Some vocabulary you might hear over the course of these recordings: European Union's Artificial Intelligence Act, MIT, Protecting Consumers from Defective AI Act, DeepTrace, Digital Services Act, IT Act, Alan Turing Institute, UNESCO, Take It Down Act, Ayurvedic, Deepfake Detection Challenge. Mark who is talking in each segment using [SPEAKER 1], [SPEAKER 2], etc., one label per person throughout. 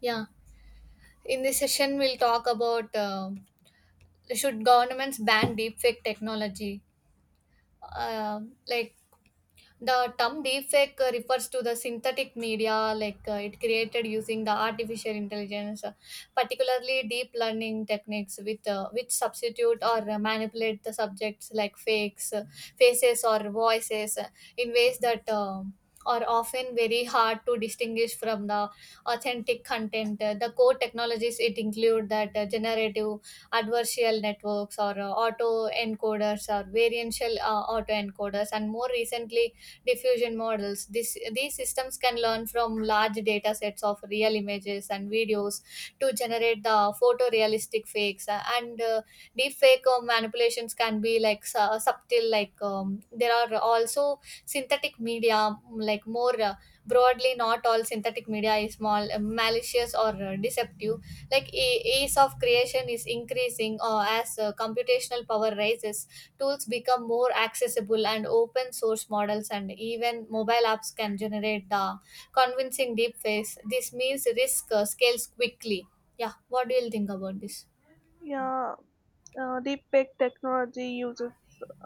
[SPEAKER 1] Yeah, in this session, we'll talk about should governments ban deepfake technology? Um like, the term deepfake refers to the synthetic media, like it created using the artificial intelligence, particularly deep learning techniques, with which substitute or manipulate the subjects like fakes, faces, or voices in ways that are often very hard to distinguish from the authentic content. The core technologies it include that generative adversarial networks or auto encoders or variantial auto encoders, and more recently diffusion models. These systems can learn from large data sets of real images and videos to generate the photorealistic fakes. And deep fake manipulations can be like subtle, like there are also synthetic media, like more broadly, not all synthetic media is malicious or deceptive like ease of creation is increasing as computational power rises, tools become more accessible and open source models and even mobile apps can generate the convincing deepfakes. This means risk scales quickly. Yeah, what do you think about this?
[SPEAKER 2] Yeah, deepfake technology uses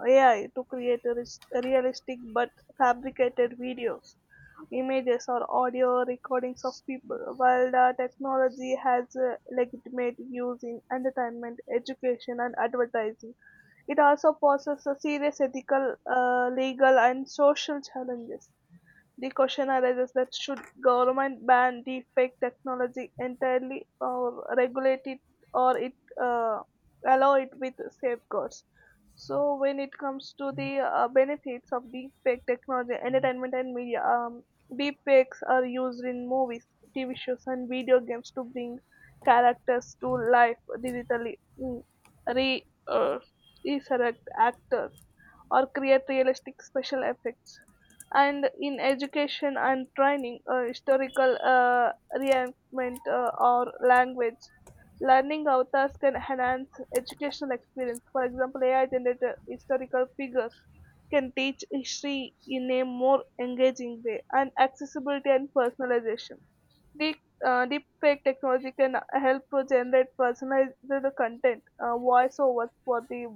[SPEAKER 2] AI to create realistic but fabricated videos, images, or audio recordings of people. While the technology has legitimate use in entertainment, education, and advertising, it also poses a serious ethical, legal, and social challenges. The question arises that should government ban deepfake technology entirely or regulate it or it uh, allow it with safeguards? So when it comes to the benefits of deepfake technology, entertainment and media, deepfakes are used in movies, TV shows, and video games to bring characters to life digitally, mm, re resurrect actors, or create realistic special effects, and in education and training, historical reenactment or language. Learning avatars can enhance educational experience. For example, AI generated historical figures can teach history in a more engaging way, and accessibility and personalization. Deep, Deep fake technology can help to generate personalized content, voiceovers for the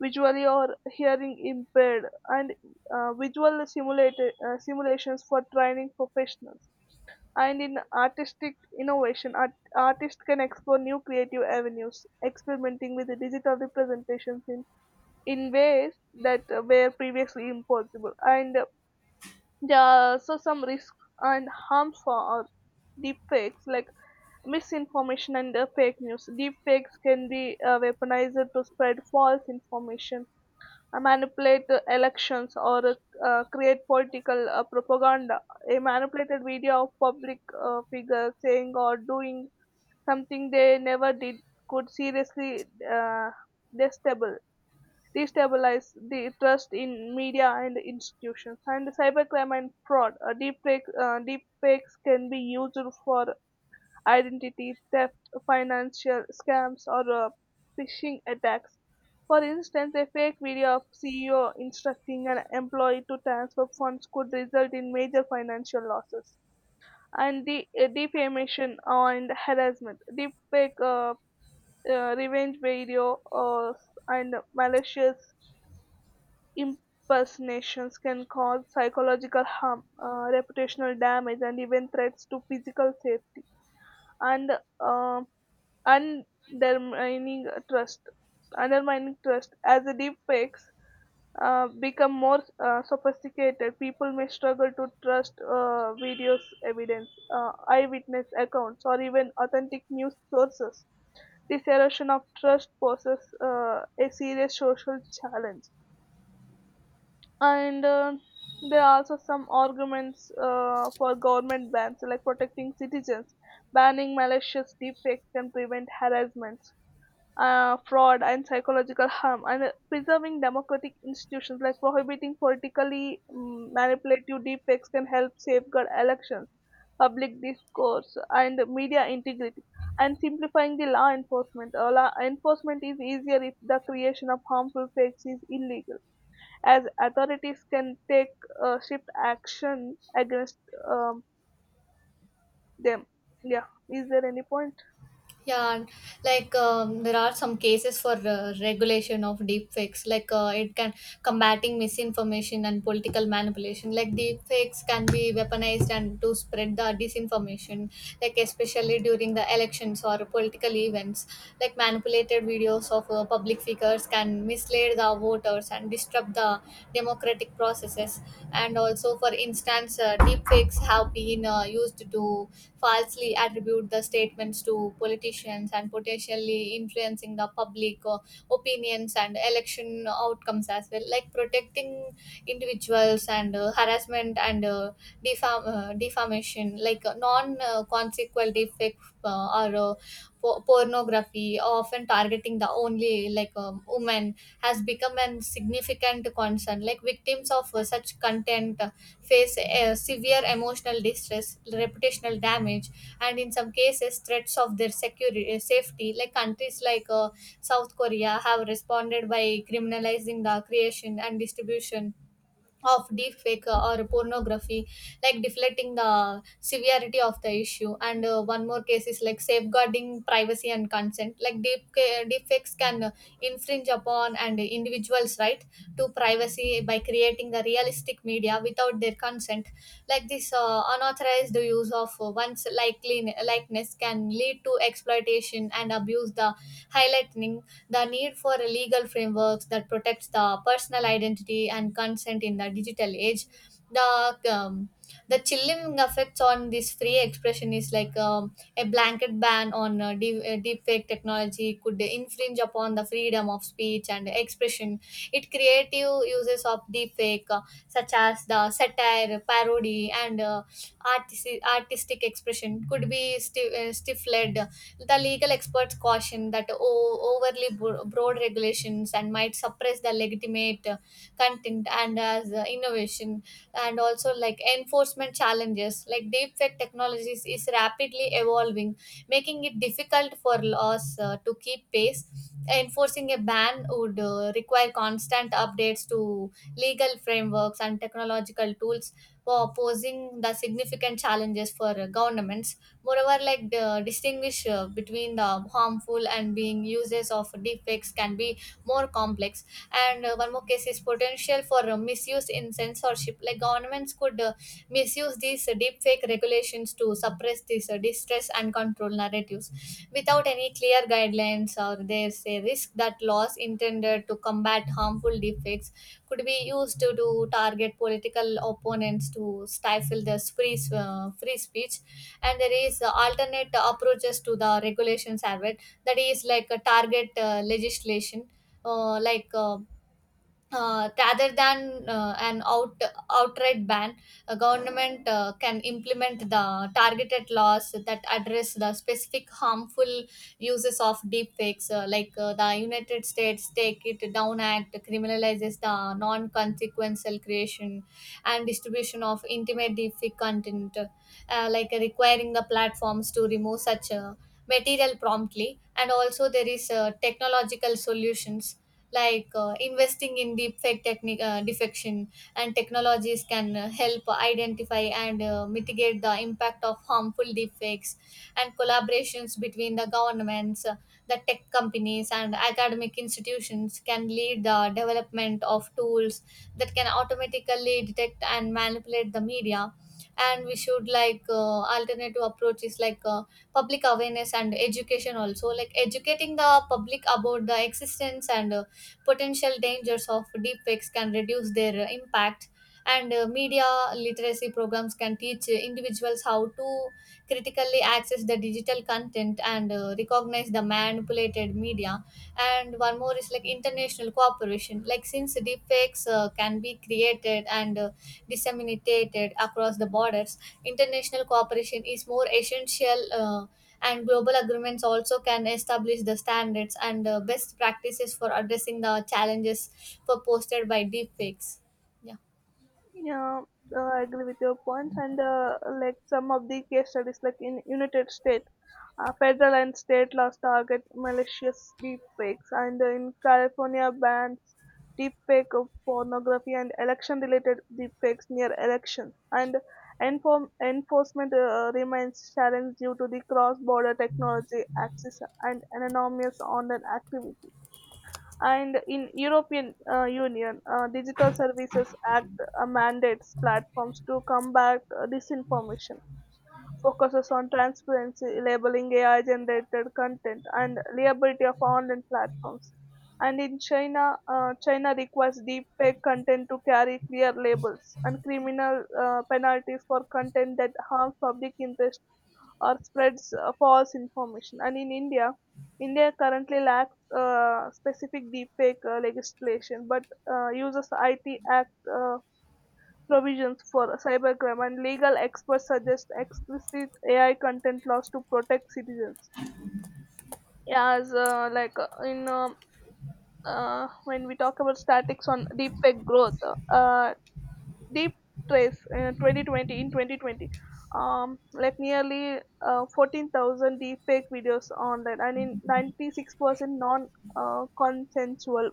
[SPEAKER 2] visually or hearing impaired, and visual simulated simulations for training professionals, and in artistic innovation, artists can explore new creative avenues, experimenting with the digital representations in ways that were previously impossible. And there are also some risks and harms for our deep like misinformation and fake news. Deepfakes can be weaponized to spread false information, manipulate the elections, or create political propaganda. A manipulated video of public figures saying or doing something they never did could seriously uh, destable, destabilize the trust in media and institutions. And cybercrime and fraud, deep fakes can be used for identity theft, financial scams, or phishing attacks. For instance, a fake video of CEO instructing an employee to transfer funds could result in major financial losses. And the defamation and harassment, deepfake revenge video, and malicious impersonations can cause psychological harm, reputational damage, and even threats to physical safety. And uh, undermining trust. Undermining trust, as the deepfakes become more sophisticated, people may struggle to trust videos, evidence, eyewitness accounts, or even authentic news sources. This erosion of trust poses a serious social challenge. And there are also some arguments for government bans, like protecting citizens. Banning malicious deepfakes can prevent harassment, fraud, and psychological harm, and preserving democratic institutions, like prohibiting politically manipulative deepfakes can help safeguard elections, public discourse, and media integrity. And simplifying the law enforcement. Law enforcement is easier if the creation of harmful fakes is illegal, as authorities can take swift action against um, them. Yeah, is there any point?
[SPEAKER 1] Yeah, and like there are some cases for regulation of deepfakes. Like it can combating misinformation and political manipulation. Like deepfakes can be weaponized and to spread the disinformation. Like especially during the elections or political events. Like manipulated videos of public figures can mislead the voters and disrupt the democratic processes. And also, for instance, deepfakes have been used to falsely attribute the statements to politicians and potentially influencing the public opinions and election outcomes as well, like protecting individuals and harassment and defamation, like non consequential effect or pornography often targeting the only like women has become a significant concern. Like victims of such content face severe emotional distress, reputational damage, and in some cases, threats of their security, safety. Like countries like South Korea have responded by criminalizing the creation and distribution of deepfake or pornography, like deflecting the severity of the issue. And one more case is like safeguarding privacy and consent. Like deepfakes can infringe upon and individuals' right to privacy by creating the realistic media without their consent. Like this unauthorized use of one's likely likeness can lead to exploitation and abuse. The Highlighting the need for a legal frameworks that protects the personal identity and consent in the digital age, the um, the chilling effects on this free expression is like a blanket ban on deepfake technology could infringe upon the freedom of speech and expression. It creative uses of deepfake, such as the satire, parody, and artistic expression, could be stifled. The legal experts caution that overly broad regulations and might suppress the legitimate content and as innovation. And also, like enforcement challenges, like deepfake technologies is rapidly evolving, making it difficult for laws to keep pace. Enforcing a ban would require constant updates to legal frameworks and technological tools, for posing the significant challenges for governments. Moreover, like the distinguish between the harmful and being uses of deepfakes can be more complex. And one more case is potential for misuse in censorship. Like governments could misuse these deepfake regulations to suppress these distress and control narratives without any clear guidelines. Or there's a risk that laws intended to combat harmful deepfakes could be used to target political opponents to stifle the free, free speech. And there is alternate approaches to the regulations as well, that is like a target legislation, uh, like uh, rather than an outright ban, a government can implement the targeted laws that address the specific harmful uses of deepfakes. The United States Take It Down Act criminalizes the non-consequential creation and distribution of intimate deepfake content, requiring the platforms to remove such material promptly. And also there is technological solutions, like investing in deepfake technique defection and technologies can help identify and mitigate the impact of harmful deepfakes. And collaborations between the governments, the tech companies and academic institutions can lead the development of tools that can automatically detect and manipulate the media. And we should like alternative approaches, like public awareness and education also, like educating the public about the existence and potential dangers of deepfakes can reduce their impact. And media literacy programs can teach individuals how to critically access the digital content and recognize the manipulated media. And one more is like international cooperation, like since deepfakes can be created and disseminated across the borders, international cooperation is more essential, and global agreements also can establish the standards and best practices for addressing the challenges proposed by deepfakes. Yeah.
[SPEAKER 2] Yeah, I agree with your point, and like some of the case studies, like in United States, federal and state laws target malicious deepfakes, and in California bans deepfake of pornography and election-related deepfakes near elections, and enforcement remains challenged due to the cross-border technology access and anonymous online activity, and in European Union, Digital Services Act mandates platforms to combat disinformation, focuses on transparency, labeling AI-generated content, and liability of online platforms. And in China, China requires deepfake content to carry clear labels and criminal penalties for content that harms public interest or spreads false information. And in India, India currently lacks specific deepfake legislation, but uses IT Act provisions for cybercrime, and legal experts suggest explicit AI content laws to protect citizens. Yeah. As like in When we talk about statics on deepfake growth, uh, deep trace uh, 2020 in 2020, like nearly 14,000 deepfake videos online, and in 96% non consensual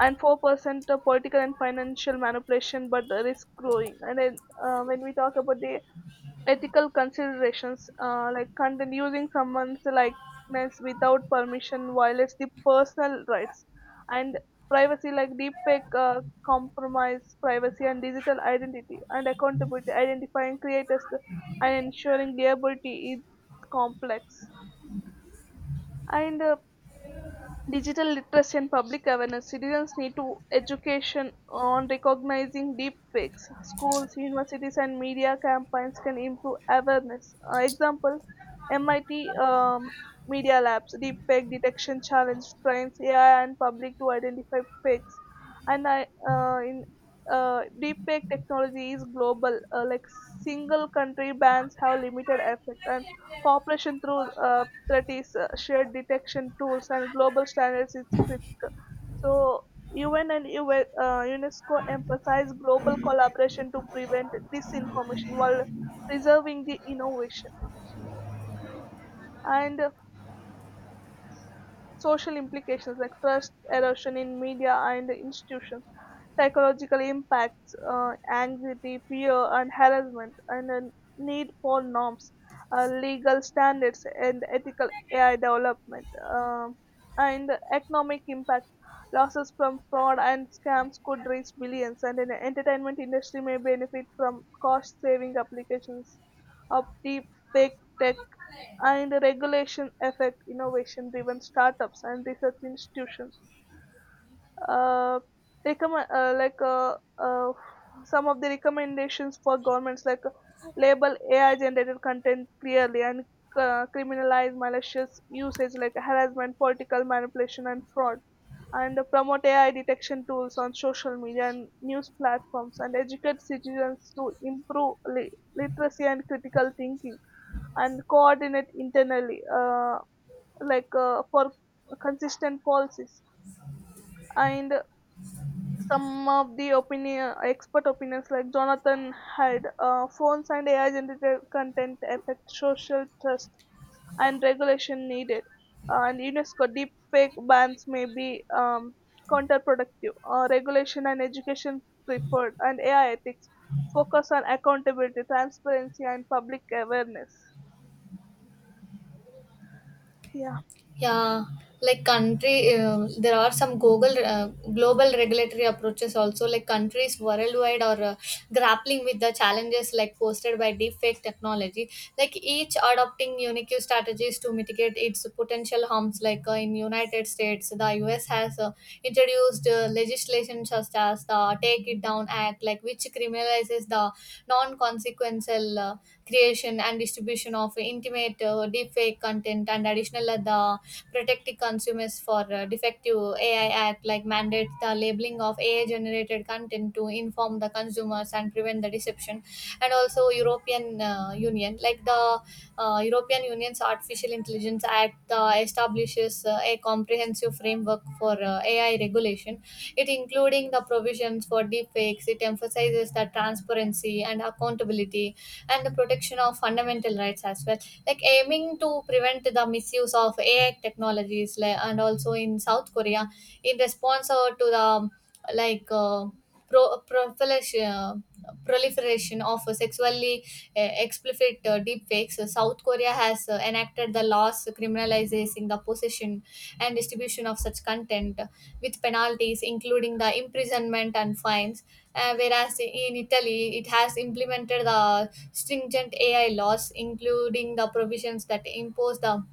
[SPEAKER 2] and 4% political and financial manipulation, but the risk growing. And then when we talk about the ethical considerations, like content using someone's likeness without permission violates the personal rights and privacy, like deepfake compromise privacy and digital identity, and accountability, identifying creators and ensuring liability is complex. And digital literacy and public awareness, citizens need to education on recognizing deep fakes, schools, universities, and media campaigns can improve awareness. Example, MIT media labs deep fake detection challenge trains AI and public to identify fakes. And I in Deep fake technology is global, like single country bans have limited effect, and cooperation through that is shared detection tools and global standards is critical. So UN and UNESCO emphasize global collaboration to prevent disinformation while preserving the innovation. And social implications like trust erosion in media and institutions, psychological impacts, anxiety, fear, and harassment, and a need for norms, legal standards, and ethical AI development, um and economic impact. Losses from fraud and scams could reach billions, and the entertainment industry may benefit from cost-saving applications of deep fake tech, and the regulation affect innovation driven startups and research institutions. Uh, recommend, like uh, some of the recommendations for governments, like label AI generated content clearly, and criminalize malicious usage like harassment, political manipulation, and fraud, and promote AI detection tools on social media and news platforms, and educate citizens to improve literacy and critical thinking, and coordinate internally. Like for consistent policies, and some of the opinion expert opinions like Jonathan had phones, and AI generated content affect social trust and regulation needed, and UNESCO deep fake bans may be counterproductive, regulation and education preferred, and AI ethics focus on accountability, transparency, and public awareness. Yeah.
[SPEAKER 1] Yeah, like there are some global global regulatory approaches also. Like countries worldwide are grappling with the challenges like posted by deepfake technology. Like each adopting unique strategies to mitigate its potential harms. Like in United States, the U.S. has introduced legislation such as the Take It Down Act, like which criminalizes the non-consequential creation and distribution of intimate deepfake content. And additional the protecting consumers for defective AI Act, like mandates the labeling of AI generated content to inform the consumers and prevent the deception. And also, European Union, like the European Union's Artificial Intelligence Act, establishes a comprehensive framework for AI regulation. It including the provisions for deepfakes. It emphasizes the transparency and accountability and the protection of fundamental rights as well, like aiming to prevent the misuse of AI technologies. Like, and also in South Korea, in response to the like uh, proliferation, proliferation of sexually explicit deepfakes, South Korea has enacted the laws criminalizing the possession and distribution of such content with penalties, including the imprisonment and fines. Whereas in Italy, it has implemented the stringent AI laws, including the provisions that impose the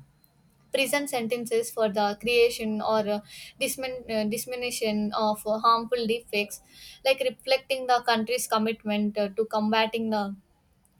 [SPEAKER 1] prison sentences for the creation or dissemination of harmful defects, like reflecting the country's commitment to combating the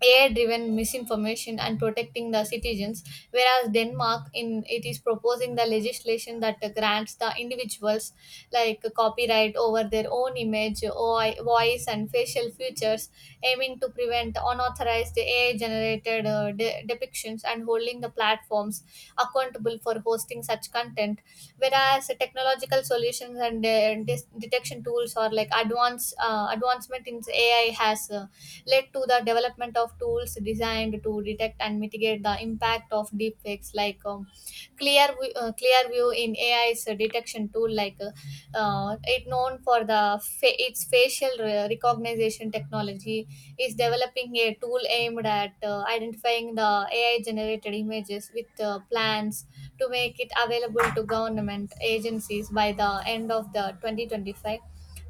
[SPEAKER 1] AI driven misinformation and protecting the citizens, whereas Denmark in it is proposing the legislation that grants the individuals like copyright over their own image, voice, and facial features, aiming to prevent unauthorized AI generated depictions and holding the platforms accountable for hosting such content. Whereas technological solutions and detection tools or like advanced advancement in AI has led to the development of tools designed to detect and mitigate the impact of deepfakes, like clear Clearview in AI's detection tool, it known for the its facial recognition technology, is developing a tool aimed at identifying the AI generated images with plans to make it available to government agencies by the end of the 2025.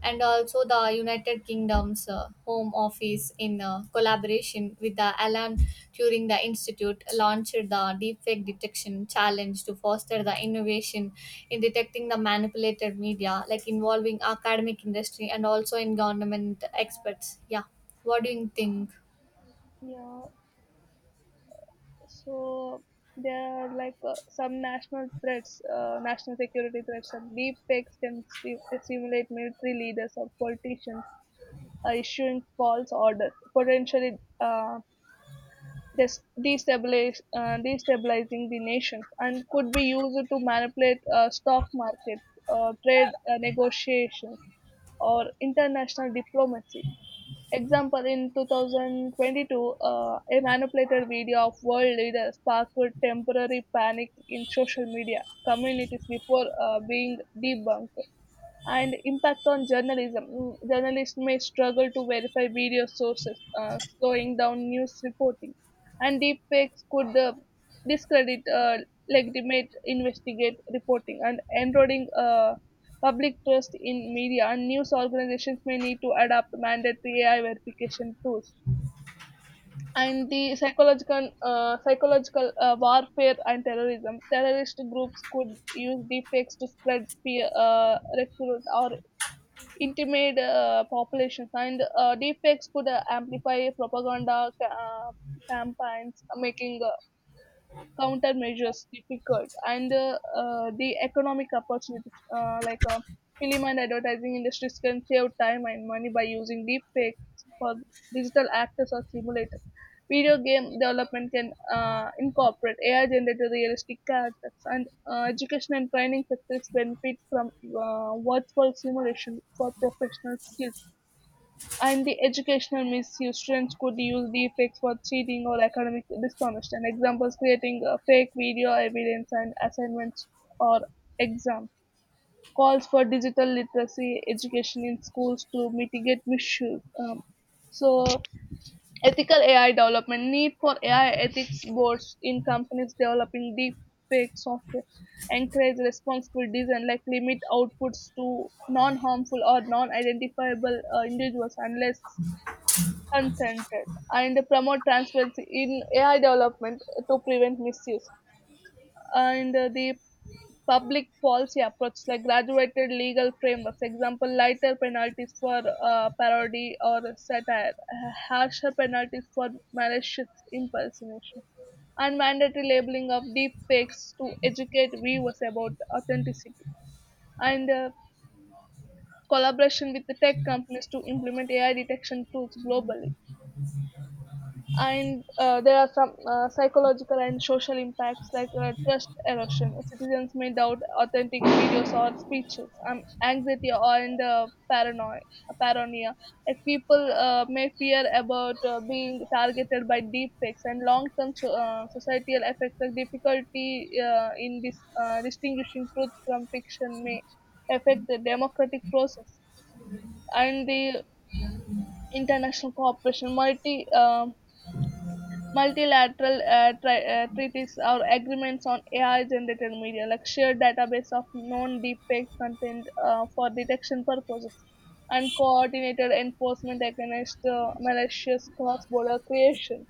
[SPEAKER 1] And also the United Kingdom's Home Office, in collaboration with the Alan Turing the Institute, launched the Deepfake Detection Challenge to foster the innovation in detecting the manipulated media, like involving academic industry and also in government experts. Yeah, what do you think?
[SPEAKER 2] Yeah. So there are some national threats, national security threats, and deep fakes can simulate military leaders or politicians issuing false orders, potentially destabilizing the nations, and could be used to manipulate stock markets, trade negotiations, or international diplomacy. Example, in 2022, a manipulated video of world leaders sparked temporary panic in social media communities before being debunked, and impact on journalism. Journalists may struggle to verify video sources, slowing down news reporting, and deepfakes could discredit legitimate investigate reporting, and eroding public trust in media. And news organizations may need to adapt mandatory AI verification tools. And the psychological warfare and terrorism. Terrorist groups could use deepfakes to spread fear, recruit or intimate populations, and deepfakes could amplify propaganda campaigns, making countermeasures difficult. And the economic opportunities, film and advertising industries can save time and money by using deep fakes for digital actors or simulators, video game development can incorporate AI generated realistic characters, and education and training sectors benefit from virtual simulation for professional skills, and the educational misuse, students could use deepfakes for cheating or academic dishonest, and examples creating fake video evidence and assignments or exams, calls for digital literacy education in schools to mitigate misuse. So ethical AI development, need for AI ethics boards in companies developing deep fake software, encourage responsible design, like limit outputs to non-harmful or non-identifiable individuals unless consented, and promote transparency in AI development to prevent misuse. And the public policy approach, like graduated legal frameworks, example, lighter penalties for parody or satire, harsher penalties for malicious impersonation, and mandatory labeling of deep fakes to educate viewers about authenticity. And collaboration with the tech companies to implement AI detection tools globally. And there are some psychological and social impacts, like trust erosion. Citizens may doubt authentic videos or speeches, anxiety or and paranoia. Paranoia. Like people may fear about being targeted by deep fakes, and long-term societal effects like difficulty in distinguishing truth from fiction may affect the democratic process, and the international cooperation. Multilateral treaties or agreements on AI generated media, like shared database of known deepfake content for detection purposes, and coordinated enforcement against malicious cross border creation.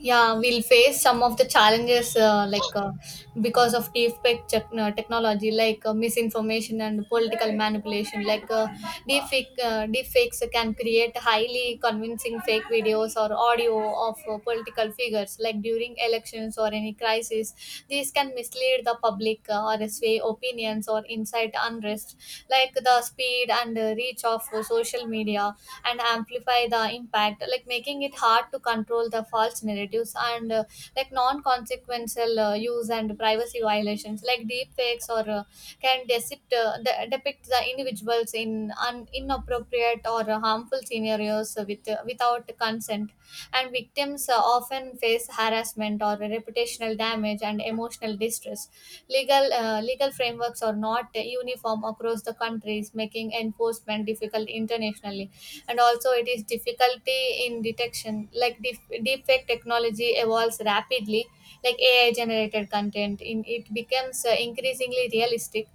[SPEAKER 1] Yeah, we'll face some of the challenges because of deepfake technology, like misinformation and political manipulation, like deepfakes can create highly convincing fake videos or audio of political figures like during elections or any crisis. These can mislead the public or sway opinions or incite unrest, like the speed and reach of social media and amplify the impact, like making it hard to control the false narratives. And like non-consequential use and privacy violations, like deep fakes or can depict, depict the individuals in inappropriate or harmful scenarios without consent. And victims often face harassment or reputational damage and emotional distress. Legal frameworks are not uniform across the countries, making enforcement difficult internationally. And also it is difficulty in detection, like deepfake technology evolves rapidly, like AI generated content in it becomes increasingly realistic.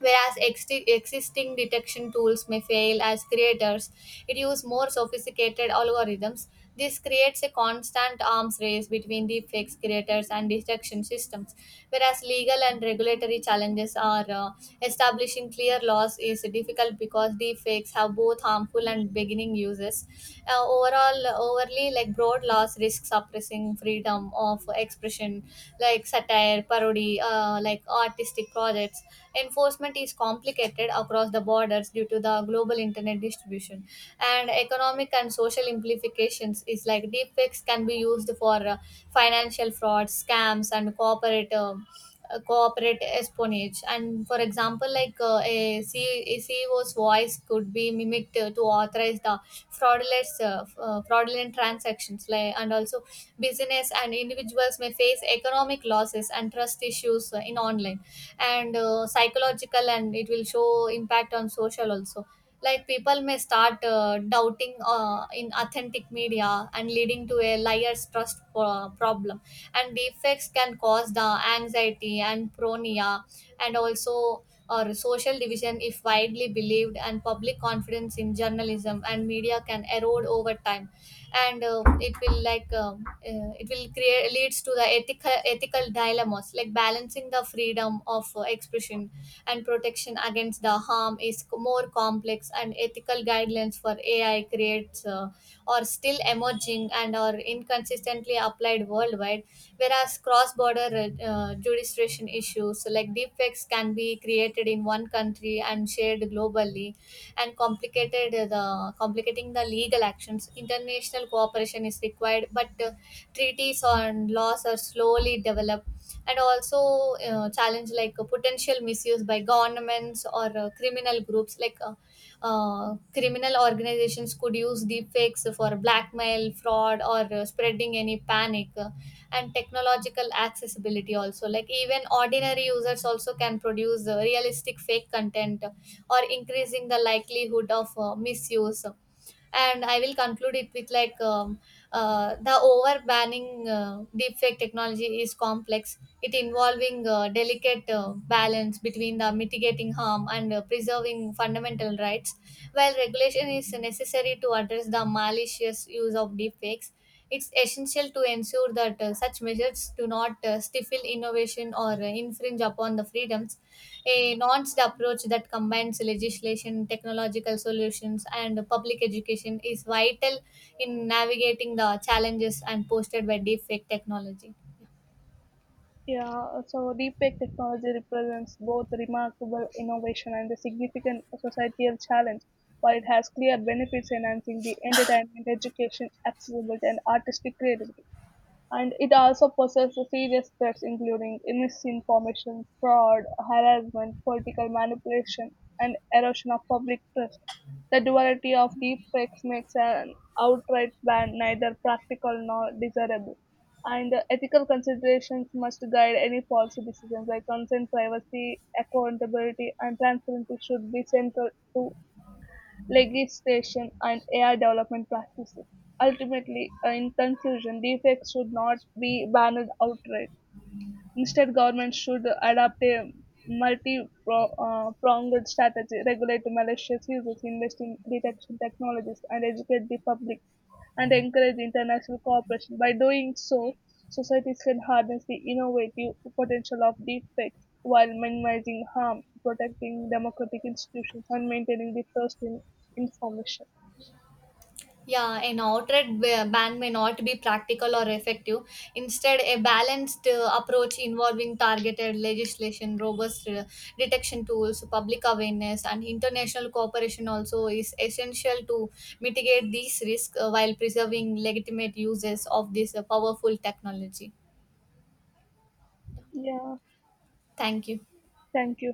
[SPEAKER 1] Whereas existing detection tools may fail as creators, it uses more sophisticated algorithms. This creates a constant arms race between deepfakes creators and detection systems. Whereas legal and regulatory challenges are establishing clear laws is difficult because deepfakes have both harmful and beginning uses. Uh, overall, Overly like broad laws risk suppressing freedom of expression, like satire, parody, like artistic projects. Enforcement is complicated across the borders due to the global internet distribution, and economic and social implications is like deepfakes can be used for financial fraud, scams, and corporate espionage. And for example, like a CEO's voice could be mimicked to authorize the fraudulent fraudulent transactions, like. And also business and individuals may face economic losses and trust issues in online. And psychological and it will show impact on social also, like people may start doubting in authentic media and leading to a liar's trust problem. And defects can cause the anxiety and pronia. And also or social division if widely believed, and public confidence in journalism and media can erode over time. And it will create leads to the ethical dilemmas, like balancing the freedom of expression and protection against the harm is more complex. And ethical guidelines for AI creates are still emerging and are inconsistently applied worldwide. Whereas cross-border jurisdiction issues, like deepfakes can be created in one country and shared globally and complicated the complicating the legal actions. International cooperation is required, but treaties on laws are slowly developed. And also challenge, like potential misuse by governments or criminal groups, like criminal organizations could use deepfakes for blackmail, fraud, or spreading any panic. And technological accessibility also, like even ordinary users also can produce realistic fake content or increasing the likelihood of misuse. And I will conclude it with like the over banning deepfake technology is complex. It involving delicate balance between the mitigating harm and preserving fundamental rights. While regulation is necessary to address the malicious use of deepfakes, it's essential to ensure that such measures do not stifle innovation or infringe upon the freedoms. A nuanced approach that combines legislation, technological solutions, and public education is vital in navigating the challenges and posted by deepfake technology.
[SPEAKER 2] Yeah, so deepfake technology represents both remarkable innovation and a significant societal challenge. While it has clear benefits enhancing the entertainment, education, accessibility, and artistic creativity, and it also possesses serious threats including misinformation, fraud, harassment, political manipulation, and erosion of public trust. The duality of deepfakes makes an outright ban neither practical nor desirable. And the ethical considerations must guide any policy decisions, like consent, privacy, accountability, and transparency should be central to legislation and AI development practices. Ultimately, in conclusion, deepfakes should not be banned outright. Instead, governments should adopt a multi-pronged strategy, regulate malicious uses, invest in detection technologies, and educate the public, and encourage international cooperation. By doing so, societies can harness the innovative potential of deepfakes while minimizing harm, protecting democratic institutions, and maintaining the trust in information.
[SPEAKER 1] Yeah, an outright ban may not be practical or effective. Instead, a balanced approach involving targeted legislation, robust detection tools, public awareness, and international cooperation also is essential to mitigate these risks while preserving legitimate uses of this powerful technology.
[SPEAKER 2] Yeah,
[SPEAKER 1] Thank you.
[SPEAKER 2] thank you.